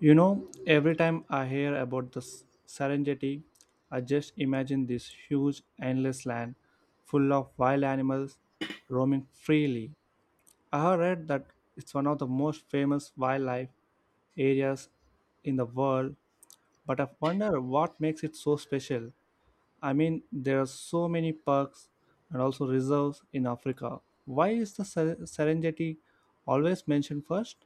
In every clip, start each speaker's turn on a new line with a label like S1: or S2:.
S1: You know, every time I hear about the Serengeti, I just imagine this huge, endless land full of wild animals roaming freely. I have read that it's one of the most famous wildlife areas in the world, but I wonder what makes it so special. I mean, there are so many parks and also reserves in Africa. Why is the Serengeti always mentioned first?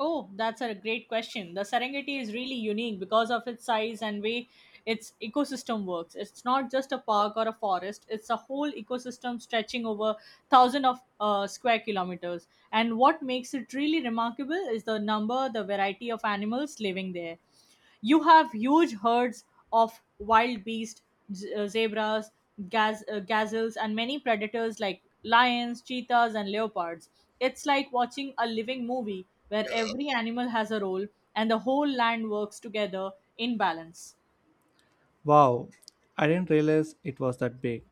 S2: Oh, that's a great question. The Serengeti is really unique because of its size and way its ecosystem works. It's not just a park or a forest, it's a whole ecosystem stretching over thousands of square kilometers. And what makes it really remarkable is the variety of animals living there. You have huge herds of wild beasts, zebras, gazelles, and many predators like lions, cheetahs, and leopards. It's like watching a living movie where every animal has a role and the whole land works together in balance.
S1: Wow, I didn't realize it was that big.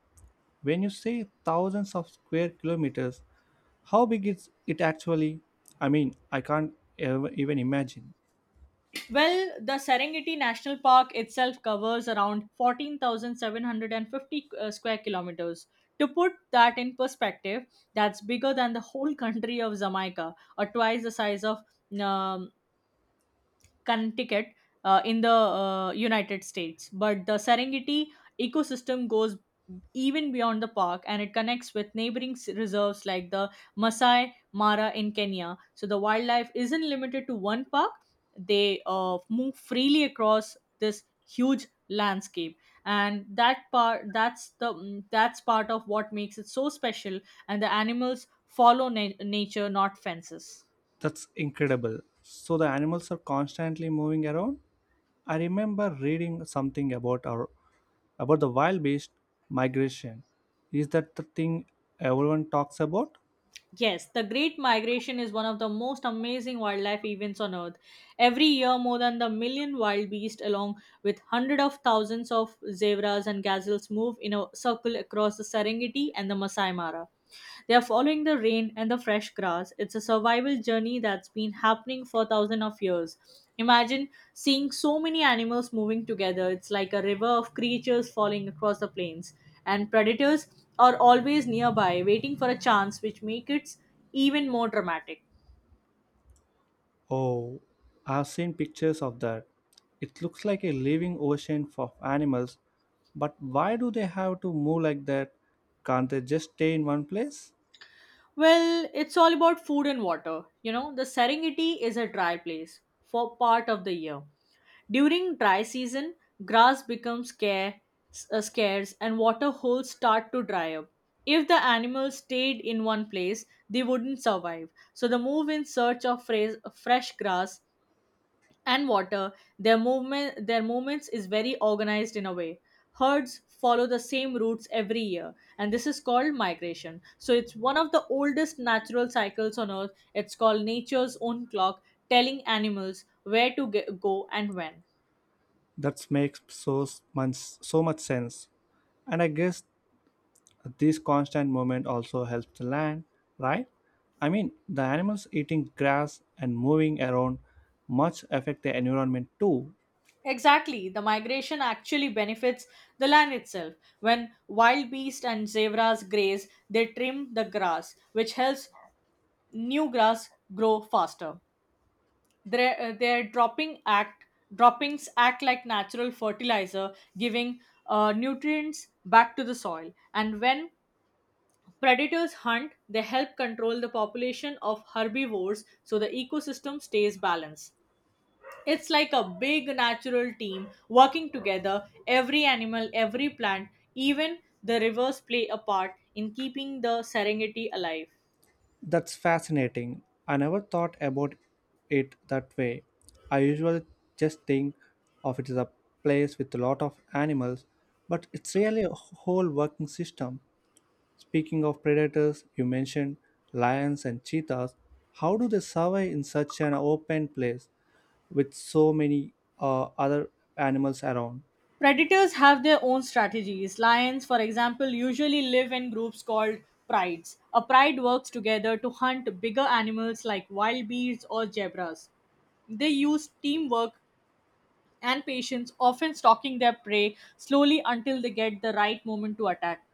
S1: When you say thousands of square kilometers, how big is it actually? I mean, I can't ever even imagine.
S2: Well, the Serengeti National Park itself covers around 14,750 square kilometers. To put that in perspective, that's bigger than the whole country of Jamaica, or twice the size of um, Connecticut in the United States. But the Serengeti ecosystem goes even beyond the park, and it connects with neighboring reserves like the Masai Mara in Kenya. So the wildlife isn't limited to one park, they move freely across this huge landscape, and that part that's the mm, that's part of what makes it so special, and the animals follow nature, not fences.
S1: That's incredible. So the animals are constantly moving around? I remember reading something about our about the wild beast migration. Is that the thing everyone talks about?
S2: Yes, the Great Migration is one of the most amazing wildlife events on Earth. Every year, more than the million wild beasts, along with hundreds of thousands of zebras and gazelles, move in a circle across the Serengeti and the Masai Mara. They are following the rain and the fresh grass. It's a survival journey that's been happening for thousands of years. Imagine seeing so many animals moving together. It's like a river of creatures falling across the plains. And predators are always nearby, waiting for a chance, which makes it even more dramatic.
S1: Oh, I've seen pictures of that. It looks like a living ocean of animals, but why do they have to move like that? Can't they just stay in one place?
S2: Well, it's all about food and water. You know, the Serengeti is a dry place for part of the year. During dry season, grass becomes scarce, and water holes start to dry up. If the animals stayed in one place, they wouldn't survive. So they move in search of fresh grass and water. Their movements is very organized in a way. Herds follow the same routes every year, and this is called migration. So it's one of the oldest natural cycles on Earth. It's called nature's own clock, telling animals where to go and when.
S1: That makes so much sense. And I guess this constant movement also helps the land, right? I mean, the animals eating grass and moving around much affect the environment too.
S2: Exactly. The migration actually benefits the land itself. When wild beasts and zebras graze, they trim the grass, which helps new grass grow faster. Their droppings act like natural fertilizer, giving nutrients back to the soil. And when predators hunt, they help control the population of herbivores, so the ecosystem stays balanced. It's like a big natural team working together. Every animal, every plant, even the rivers play a part in keeping the Serengeti alive.
S1: That's fascinating. I never thought about it that way. I usually just think of it as a place with a lot of animals, but it's really a whole working system. Speaking of predators, you mentioned lions and cheetahs. How do they survive in such an open place with so many other animals around?
S2: Predators have their own strategies. Lions, for example, usually live in groups called prides. A pride works together to hunt bigger animals like wild beasts or zebras. They use teamwork and patience, often stalking their prey slowly until they get the right moment to attack.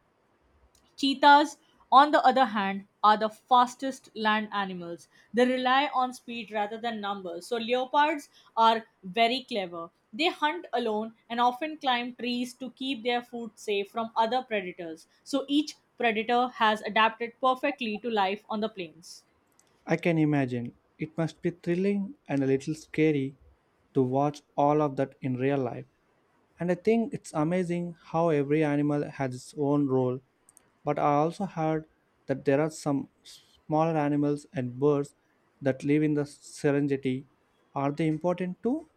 S2: Cheetahs, on the other hand, are the fastest land animals. They rely on speed rather than numbers. So, leopards are very clever. They hunt alone and often climb trees to keep their food safe from other predators. So, each predator has adapted perfectly to life on the plains.
S1: I can imagine. It must be thrilling and a little scary to watch all of that in real life. And I think it's amazing how every animal has its own role. But I also heard that there are some smaller animals and birds that live in the Serengeti. Are they important too?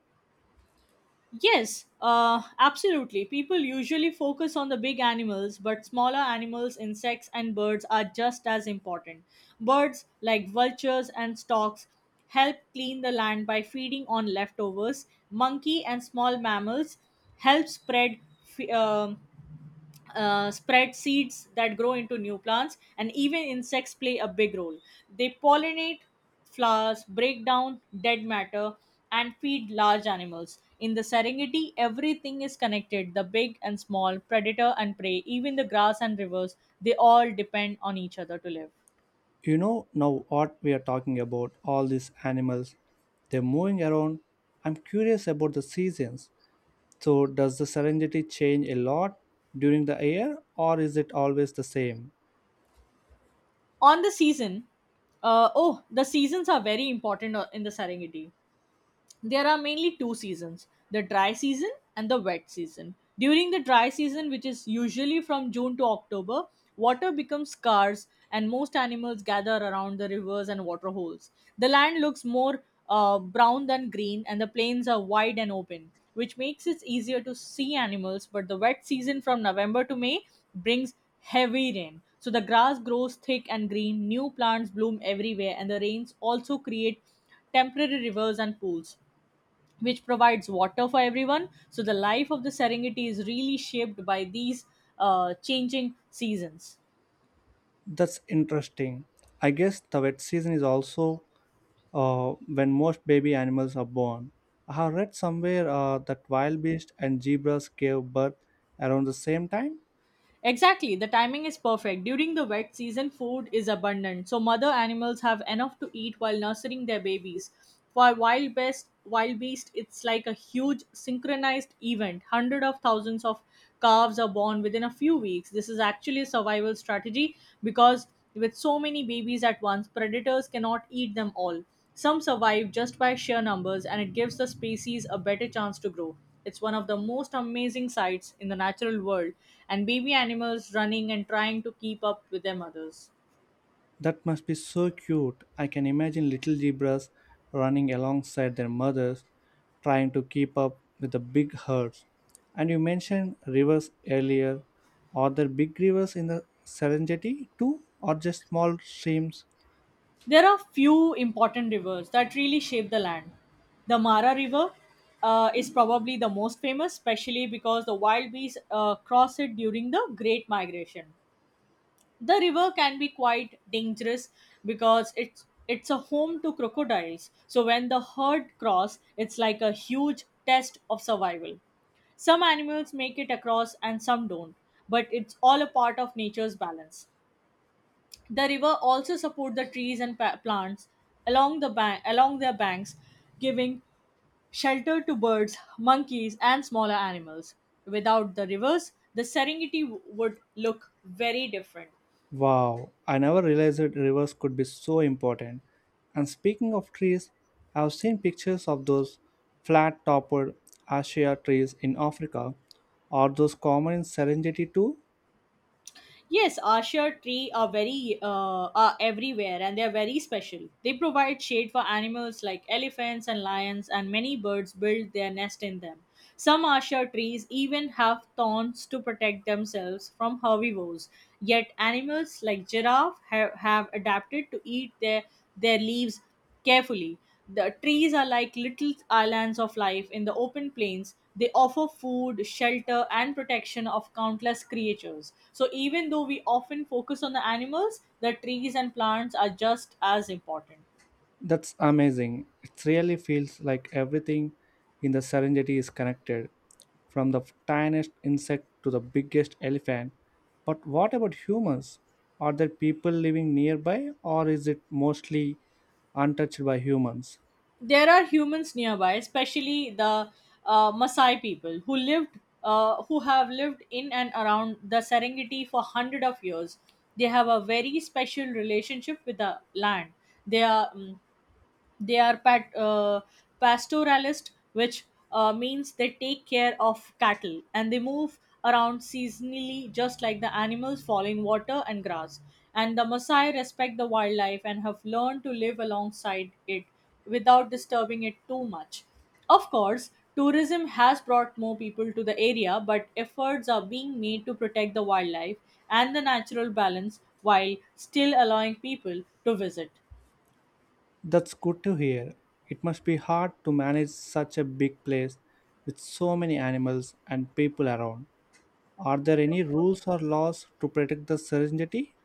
S2: Yes, absolutely. People usually focus on the big animals, but smaller animals, insects, and birds are just as important. Birds, like vultures and storks, help clean the land by feeding on leftovers. Monkey and small mammals help spread f- spread seeds that grow into new plants, and even insects play a big role. They pollinate flowers, break down dead matter, and feed large animals. In the Serengeti, everything is connected, the big and small, predator and prey, even the grass and rivers, they all depend on each other to live.
S1: You know now what we are talking about, all these animals. They're moving around. I'm curious about the seasons. So, does the Serengeti change a lot during the year or is it always the same?
S2: On the season, oh, the seasons are very important in the Serengeti. There are mainly two seasons, the dry season and the wet season. During the dry season, which is usually from June to October, water becomes scarce, and most animals gather around the rivers and waterholes. The land looks more brown than green, and the plains are wide and open, which makes it easier to see animals. But the wet season, from November to May, brings heavy rain. So the grass grows thick and green, new plants bloom everywhere, and the rains also create temporary rivers and pools, which provides water for everyone. So the life of the Serengeti is really shaped by these changing seasons.
S1: That's interesting. I guess the wet season is also when most baby animals are born. I have read somewhere that wild beasts and zebras gave birth around the same time.
S2: Exactly, the timing is perfect. During the wet season, food is abundant, so mother animals have enough to eat while nursing their babies. For wild beast, it's like a huge synchronized event. Hundreds of thousands of calves are born within a few weeks. This is actually a survival strategy because with so many babies at once, predators cannot eat them all. Some survive just by sheer numbers, and it gives the species a better chance to grow. It's one of the most amazing sights in the natural world, and baby animals running and trying to keep up with their mothers.
S1: That must be so cute. I can imagine little zebras running alongside their mothers, trying to keep up with the big herds. And you mentioned rivers earlier. Are there big rivers in the Serengeti too, or just small streams?
S2: There are few important rivers that really shape the land. The Mara River is probably the most famous, especially because the wild bees cross it during the Great Migration. The river can be quite dangerous because it's a home to crocodiles. So when the herd cross, it's like a huge test of survival. Some animals make it across and some don't, but it's all a part of nature's balance. The river also support the trees and plants along their banks, giving shelter to birds, monkeys, and smaller animals. Without the rivers, the Serengeti would look very different.
S1: Wow, I never realized that rivers could be so important. And speaking of trees, I've seen pictures of those flat topped Acacia trees in Africa. Are those common in Serengeti too?
S2: Yes, Asher tree are very are everywhere, and they are very special. They provide shade for animals like elephants and lions, and many birds build their nest in them. Some Asher trees even have thorns to protect themselves from herbivores. Yet animals like giraffe have adapted to eat their leaves carefully. The trees are like little islands of life in the open plains. They offer food, shelter, and protection of countless creatures. So, even though we often focus on the animals, the trees and plants are just as important.
S1: That's amazing. It really feels like everything in the Serengeti is connected, from the tiniest insect to the biggest elephant. But what about humans? Are there people living nearby, or is it mostly untouched by humans?
S2: There are humans nearby, especially the Maasai people who have lived in and around the Serengeti for hundred of years. They have a very special relationship with the land. They are mm, they are pastoralist, which means they take care of cattle, and they move around seasonally, just like the animals, following water and grass. And the Maasai respect the wildlife and have learned to live alongside it without disturbing it too much. Of course, tourism has brought more people to the area, but efforts are being made to protect the wildlife and the natural balance while still allowing people to visit.
S1: That's good to hear. It must be hard to manage such a big place with so many animals and people around. Are there any rules or laws to protect the serenity?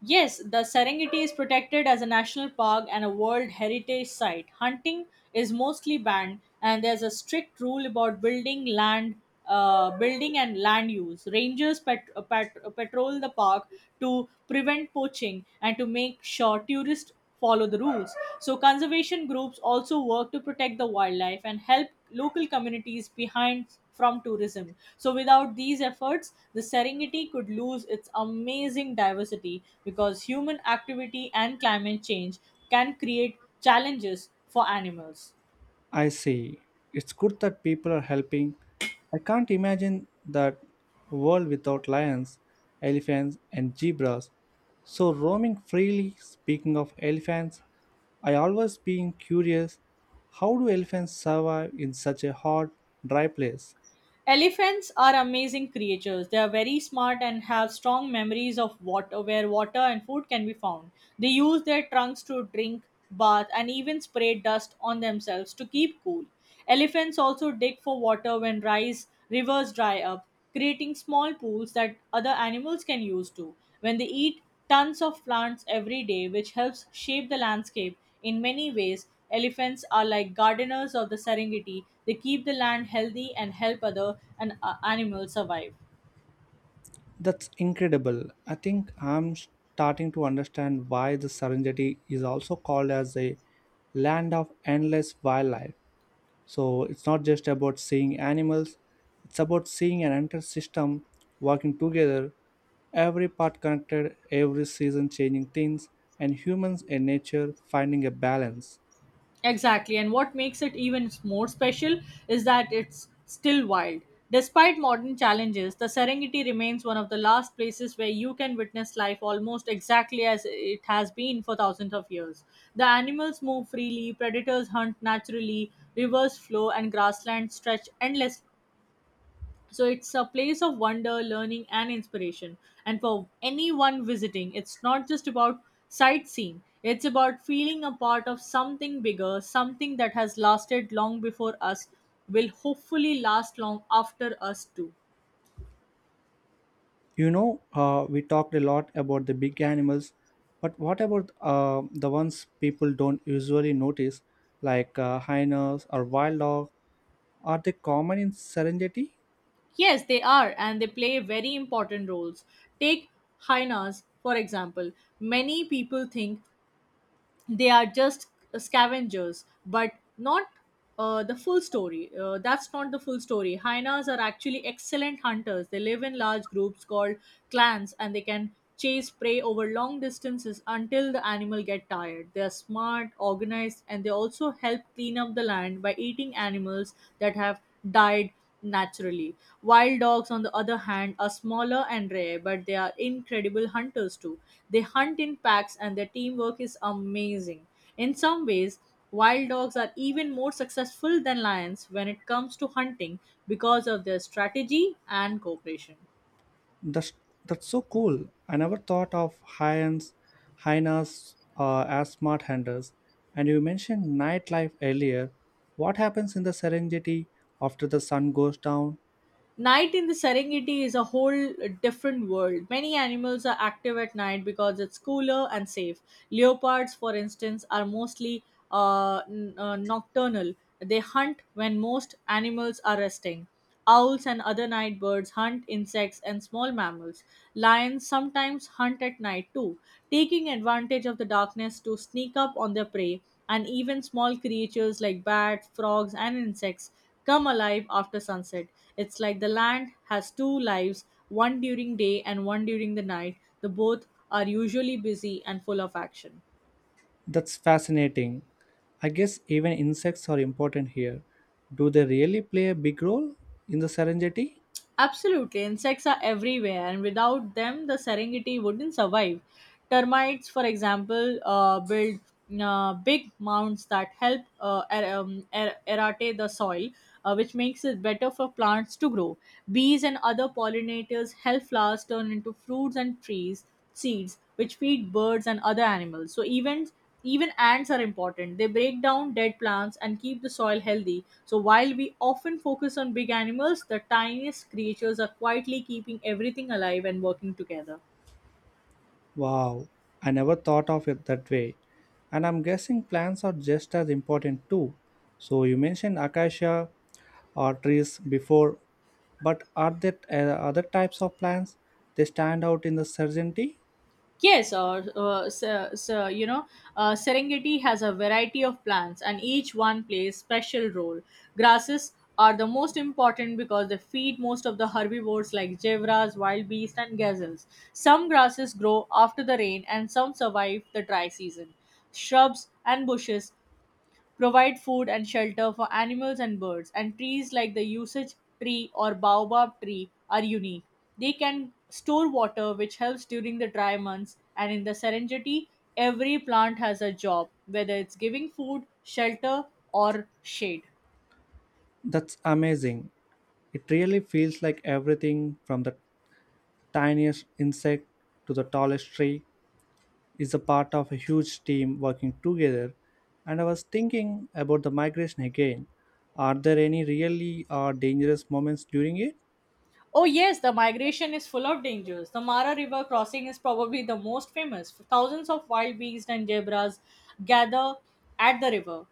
S2: Yes, the Serengeti is protected as a national park and a World Heritage Site. Hunting is mostly banned, and there's a strict rule about building and land use. Rangers patrol the park to prevent poaching and to make sure tourists follow the rules. So, conservation groups also work to protect the wildlife and help local communities behind from tourism. So, without these efforts, the Serengeti could lose its amazing diversity because human activity and climate change can create challenges for animals.
S1: I see. It's good that people are helping. I can't imagine that world without lions, elephants, and zebras. So roaming freely, speaking of elephants, I always been curious how do elephants survive in such a hot, dry place?
S2: Elephants are amazing creatures. They are very smart and have strong memories of water, where water and food can be found. They use their trunks to drink, bath, and even spray dust on themselves to keep cool. Elephants also dig for water when rice rivers dry up, creating small pools that other animals can use too. When they eat, tons of plants every day, which helps shape the landscape in many ways. Elephants are like gardeners of the Serengeti. They keep the land healthy and help animals survive.
S1: That's incredible. I think I'm starting to understand why the Serengeti is also called as a land of endless wildlife. So it's not just about seeing animals, it's about seeing an entire system working together, every part connected, every season changing things, and humans and nature finding a balance.
S2: Exactly. And what makes it even more special is that it's still wild. Despite modern challenges, the Serengeti remains one of the last places where you can witness life almost exactly as it has been for thousands of years. The animals move freely, predators hunt naturally, rivers flow, and grasslands stretch endless, so it's a place of wonder, learning, and inspiration. And for anyone visiting, it's not just about sightseeing, it's about feeling a part of something bigger, something that has lasted long before us, will hopefully last long after us too.
S1: You know, we talked a lot about the big animals, but what about the ones people don't usually notice, like hyenas or wild dogs? Are they common in Serengeti?
S2: Yes, they are, and they play very important roles. Take hyenas, for example. Many people think they are just scavengers, but not the full story that's not the full story. Hyenas are actually excellent hunters. They live in large groups called clans, and they can chase prey over long distances until the animal get tired. They are smart, organized, and they also help clean up the land by eating animals that have died naturally. Wild dogs, on the other hand, are smaller and rare, but they are incredible hunters too. They hunt in packs and their teamwork is amazing. In some ways, wild dogs are even more successful than lions when it comes to hunting because of their strategy and cooperation.
S1: That's that's so cool. I never thought of hyenas as smart hunters. And you mentioned nightlife earlier. What happens in the Serengeti after the sun goes down?
S2: Night in the Serengeti is a whole different world. Many animals are active at night because it's cooler and safe. Leopards, for instance, are mostly nocturnal. They hunt when most animals are resting. Owls and other night birds hunt insects and small mammals. Lions sometimes hunt at night too, taking advantage of the darkness to sneak up on their prey, and even small creatures like bats, frogs, and insects come alive after sunset. It's like the land has two lives, one during day and one during the night. The both are usually busy and full of action.
S1: That's fascinating. I guess even insects are important here. Do they really play a big role in the Serengeti?
S2: Absolutely, insects are everywhere, and without them, the Serengeti wouldn't survive. Termites, for example, build big mounds that help erode the soil, which makes it better for plants to grow. Bees and other pollinators help flowers turn into fruits and trees, seeds, which feed birds and other animals. So, even ants are important. They break down dead plants and keep the soil healthy. So while we often focus on big animals, the tiniest creatures are quietly keeping everything alive and working together.
S1: Wow, I never thought of it that way. And I'm guessing plants are just as important too. So you mentioned acacia or trees before, but are there other types of plants they stand out in the Serengeti?
S2: Yes, or so, so, you know, Serengeti has a variety of plants, and each one plays special role. Grasses are the most important because they feed most of the herbivores like zebras, wild beasts, and gazelles. Some grasses grow after the rain, and some survive the dry season. Shrubs and bushes provide food and shelter for animals and birds, and trees like the usage tree or baobab tree are unique. They can store water, which helps during the dry months, and in the Serengeti, every plant has a job, whether it's giving food, shelter, or shade.
S1: That's amazing. It really feels like everything from the tiniest insect to the tallest tree is a part of a huge team working together. And I was thinking about the migration again. Are there any really dangerous moments during it?
S2: Oh, yes, the migration is full of dangers. The Mara River crossing is probably the most famous. Thousands of wild beasts and zebras gather at the river,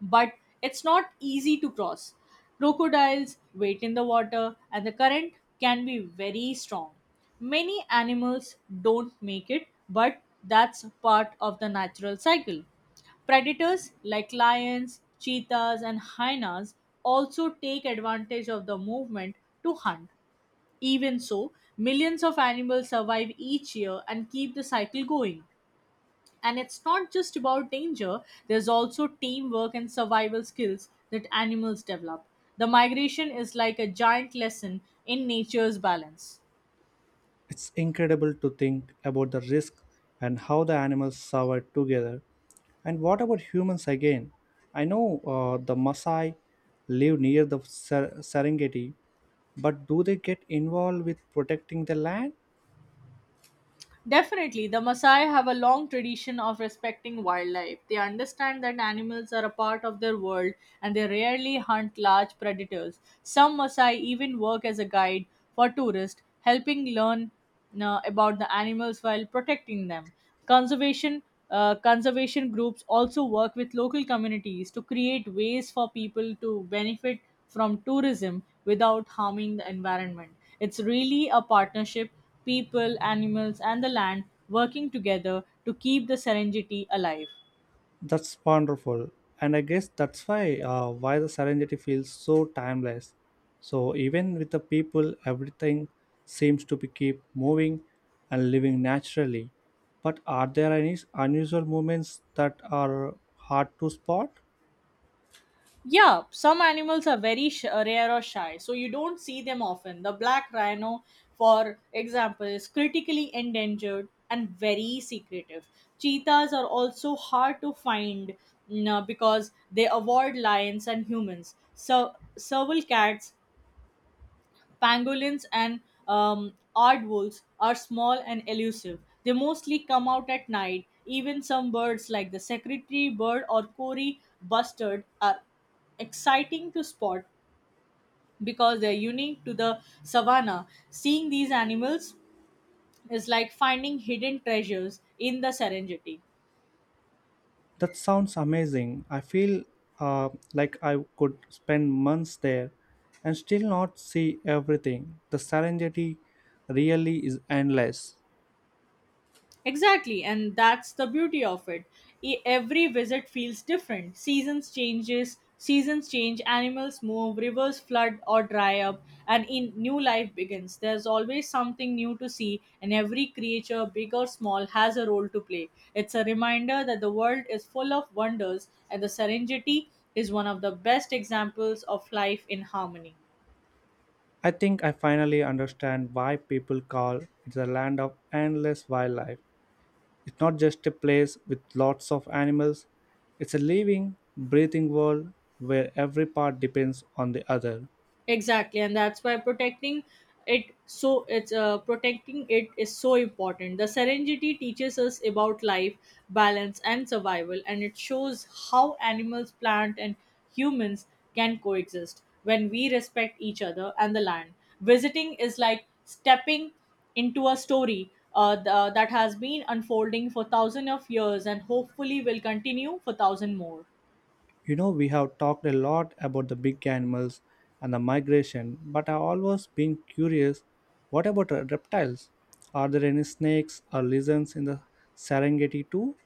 S2: but it's not easy to cross. Crocodiles wait in the water, and the current can be very strong. Many animals don't make it, but that's part of the natural cycle. Predators like lions, cheetahs, and hyenas also take advantage of the movement to hunt. Even so, millions of animals survive each year and keep the cycle going. And it's not just about danger, there's also teamwork and survival skills that animals develop. The migration is like a giant lesson in nature's balance.
S1: It's incredible to think about the risk and how the animals survive together. And what about humans again? I know the Maasai live near the Serengeti, but do they get involved with protecting the land?
S2: Definitely, the Maasai have a long tradition of respecting wildlife. They understand that animals are a part of their world and they rarely hunt large predators. Some Maasai even work as a guide for tourists, helping learn about the animals while protecting them. Conservation Conservation groups also work with local communities to create ways for people to benefit from tourism without harming the environment. It's really a partnership, people, animals, and the land working together to keep the Serengeti alive.
S1: That's wonderful, and I guess that's why the Serengeti feels so timeless. So even with the people, everything seems to be keep moving and living naturally. But are there any unusual moments that are hard to spot?
S2: Yeah, some animals are very rare or shy, so you don't see them often. The black rhino, for example, is critically endangered and very secretive. Cheetahs are also hard to find because they avoid lions and humans. So, serval cats, pangolins, and aardwolves are small and elusive. They mostly come out at night. Even some birds like the secretary bird or Cory bustard are exciting to spot because they're unique to the savanna. Seeing these animals is like finding hidden treasures in the Serengeti.
S1: That sounds amazing. I feel uh, like I could spend months there and still not see everything. The Serengeti really is endless.
S2: Exactly, and that's the beauty of it. Every visit feels different. Seasons change, animals move, rivers flood or dry up, and in new life begins. There's always something new to see, and every creature, big or small, has a role to play. It's a reminder that the world is full of wonders, and the Serengeti is one of the best examples of life in harmony.
S1: I think I finally understand why people call it the land of endless wildlife. It's not just a place with lots of animals, it's a living, breathing world where every part depends on the other.
S2: Exactly, and that's why protecting it is so important. The Serengeti teaches us about life, balance, and survival, and it shows how animals, plant, and humans can coexist when we respect each other and the land. Visiting is like stepping into a story that has been unfolding for thousands of years and hopefully will continue for thousand more.
S1: You know, we have talked a lot about the big animals and the migration, but I've always been curious what about reptiles? Are there any snakes or lizards in the Serengeti too?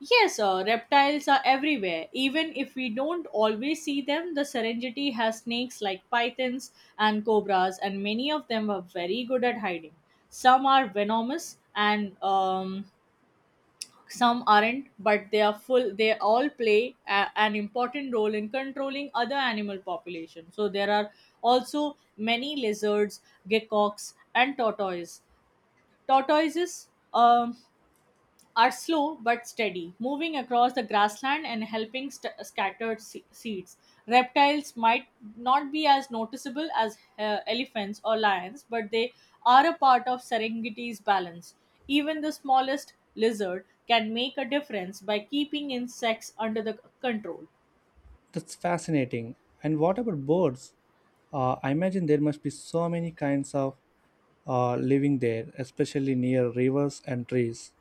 S2: Yes, reptiles are everywhere. Even if we don't always see them, the Serengeti has snakes like pythons and cobras, and many of them are very good at hiding. Some are venomous and some aren't, but they are full. They all play an important role in controlling other animal population. So there are also many lizards, geckos, and tortoises. Tortoises are slow but steady, moving across the grassland and helping scattered seeds. Reptiles might not be as noticeable as elephants or lions, but they are a part of Serengeti's balance. Even the smallest lizard can make a difference by keeping insects under the control.
S1: That's fascinating. And what about birds? I imagine there must be so many kinds of living there, especially near rivers and trees.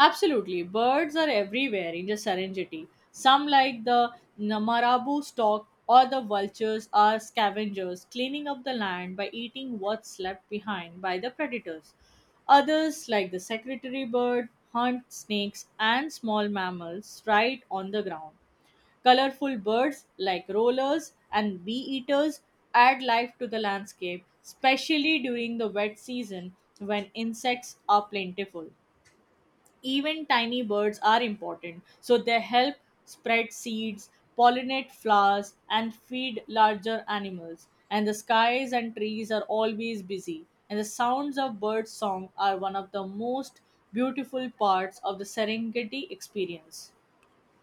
S2: Absolutely. Birds are everywhere in the Serengeti. Some, like the Namarabu stork or the vultures, are scavengers, cleaning up the land by eating what's left behind by the predators. Others, like the secretary bird, hunt snakes and small mammals right on the ground. Colorful birds like rollers and bee eaters add life to the landscape, especially during the wet season when insects are plentiful. Even tiny birds are important. So they help spread seeds, pollinate flowers, and feed larger animals. And the skies and trees are always busy. And the sounds of bird song are one of the most beautiful parts of the Serengeti experience.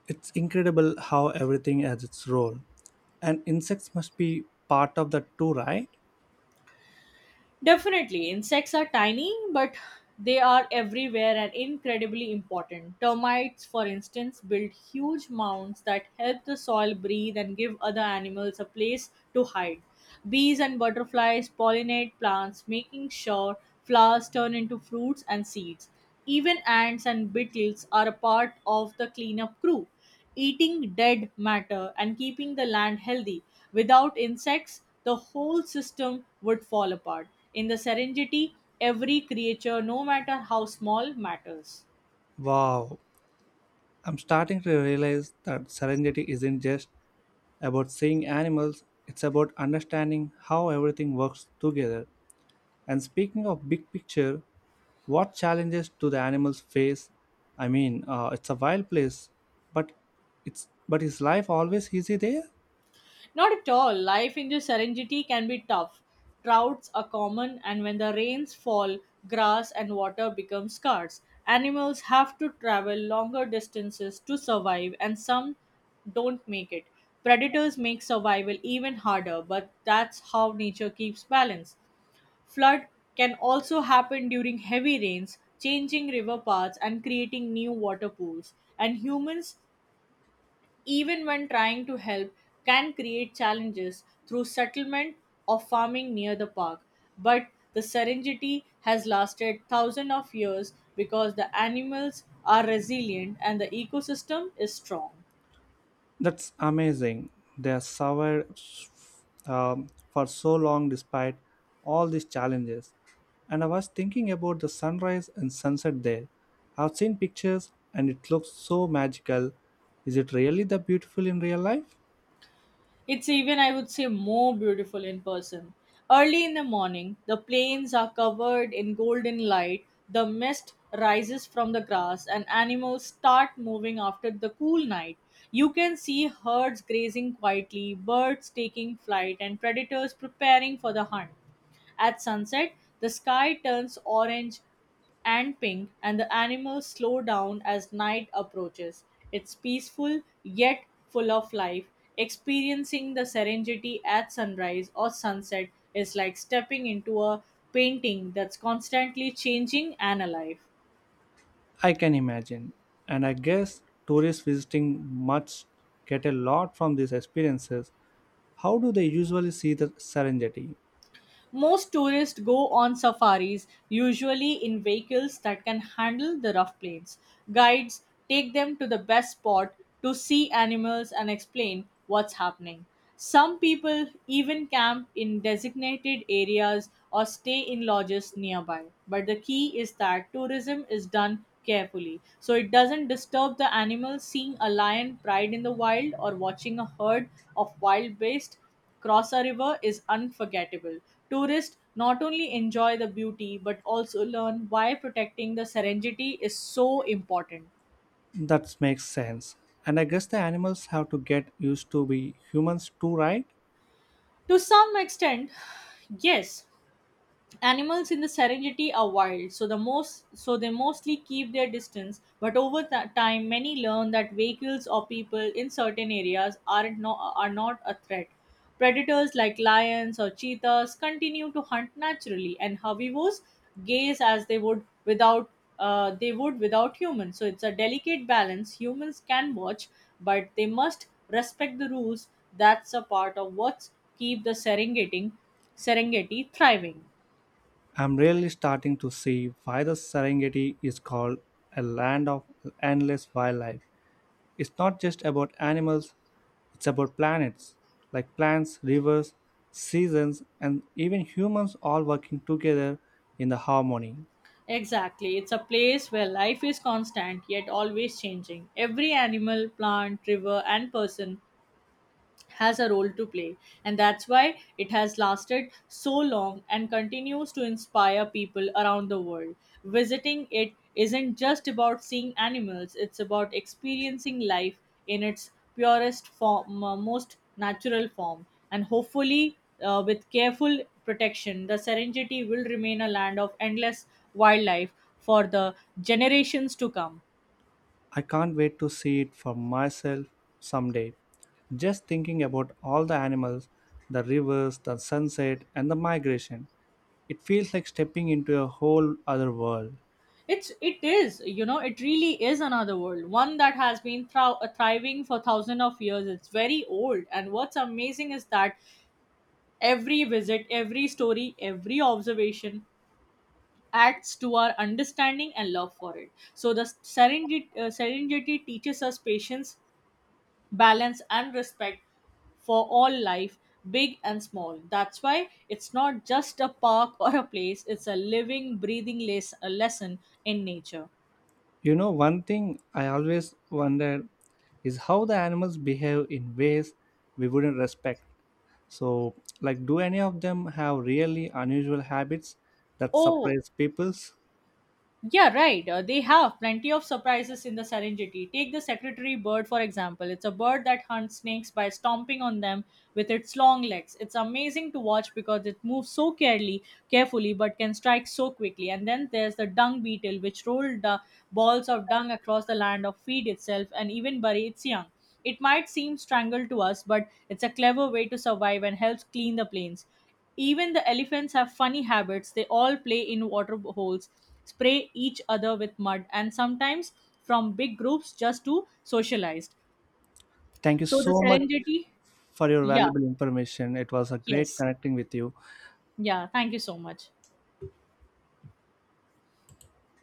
S1: It's incredible how everything has its role. And insects must be part of that too, right?
S2: Definitely, insects are tiny, but they are everywhere and incredibly important. Termites, for instance, build huge mounds that help the soil breathe and give other animals a place to hide. Bees and butterflies pollinate plants, making sure flowers turn into fruits and seeds. Even ants and beetles are a part of the cleanup crew, eating dead matter and keeping the land healthy. Without insects, the whole system would fall apart. In the Serengeti, every creature, no matter how small, matters.
S1: Wow. I'm starting to realize that serenity isn't just about seeing animals, it's about understanding how everything works together. And speaking of big picture, what challenges do the animals face? I mean, it's a wild place, but it's but is life always easy there?
S2: Not at all. Life in the Serengeti can be tough. Droughts are common, and when the rains fall, grass and water become scarce. Animals have to travel longer distances to survive, and some don't make it. Predators make survival even harder, but that's how nature keeps balance. Flood can also happen during heavy rains, changing river paths and creating new water pools. And humans, even when trying to help, can create challenges through settlement of farming near the park. But the serenity has lasted thousands of years because the animals are resilient and the ecosystem is strong.
S1: That's amazing. They have survived for so long despite all these challenges. And I was thinking about the sunrise and sunset there. I've seen pictures and it looks so magical. Is it really that beautiful in real life?
S2: It's even, I would say, more beautiful in person. Early in the morning, the plains are covered in golden light, the mist rises from the grass, and animals start moving after the cool night. You can see herds grazing quietly, birds taking flight, and predators preparing for the hunt. At sunset, the sky turns orange and pink, and the animals slow down as night approaches. It's peaceful yet full of life. Experiencing the serenity at sunrise or sunset is like stepping into a painting that's constantly changing and alive.
S1: I can imagine. And I guess tourists visiting must get a lot from these experiences. How do they usually see the Serengeti?
S2: Most tourists go on safaris, usually in vehicles that can handle the rough plains. Guides take them to the best spot to see animals and explain what's happening. Some people even camp in designated areas or stay in lodges nearby. But the key is that tourism is done carefully so it doesn't disturb the animals. Seeing a lion pride in the wild or watching a herd of wild beasts Crossa River is unforgettable. Tourists not only enjoy the beauty but also learn why protecting the Serengeti is so important.
S1: That makes sense. And I guess the animals have to get used to be humans too, right?
S2: To some extent, yes, animals in the Serengeti are wild, so they mostly keep their distance. But over time, many learn that vehicles or people in certain areas are not a threat. Predators like lions or cheetahs continue to hunt naturally, and herbivores gaze as they would without humans. So it's a delicate balance. Humans can watch, but they must respect the rules. That's a part of what keep the Serengeti thriving.
S1: I'm really starting to see why the Serengeti is called a land of endless wildlife. It's not just about animals, it's about planets, like plants, rivers, seasons, and even humans all working together in the harmony.
S2: Exactly. It's a place where life is constant yet always changing. Every animal, plant, river, and person has a role to play, and that's why it has lasted so long and continues to inspire people around the world. Visiting it isn't just about seeing animals, it's about experiencing life in its purest form most natural form, and hopefully with careful protection the Serengeti will remain a land of endless wildlife for the generations to come.
S1: I can't wait to see it for myself someday. Just thinking about all the animals, the rivers, the sunset, and the migration, it feels like stepping into a whole other world.
S2: It's, it is, you know, it really is another world, one that has been thriving for thousands of years. It's very old, and what's amazing is that every visit, every story, every observation adds to our understanding and love for it. So the Serengeti teaches us patience, balance, and respect for all life, big and small. That's why it's not just a park or a place, it's a living, breathing a lesson in nature.
S1: You know, one thing I always wondered is how the animals behave in ways we wouldn't respect. So, like, do any of them have really unusual habits that
S2: Oh,
S1: surprise peoples?
S2: yeah, right. They have plenty of surprises in the Serengeti. Take the secretary bird, for example. It's a bird that hunts snakes by stomping on them with its long legs. It's amazing to watch because it moves so carefully but can strike so quickly. And then there's the dung beetle, which rolls the balls of dung across the land or feed itself and even bury its young. It might seem strangled to us, but it's a clever way to survive and helps clean the plains. Even the elephants have funny habits. They all play in water holes, spray each other with mud, and sometimes from big groups just to socialize.
S1: Thank you
S2: So the
S1: so much
S2: serendipity,
S1: for your
S2: yeah,
S1: valuable information. It was a great
S2: yes,
S1: connecting with you.
S2: yeah. Thank you so much.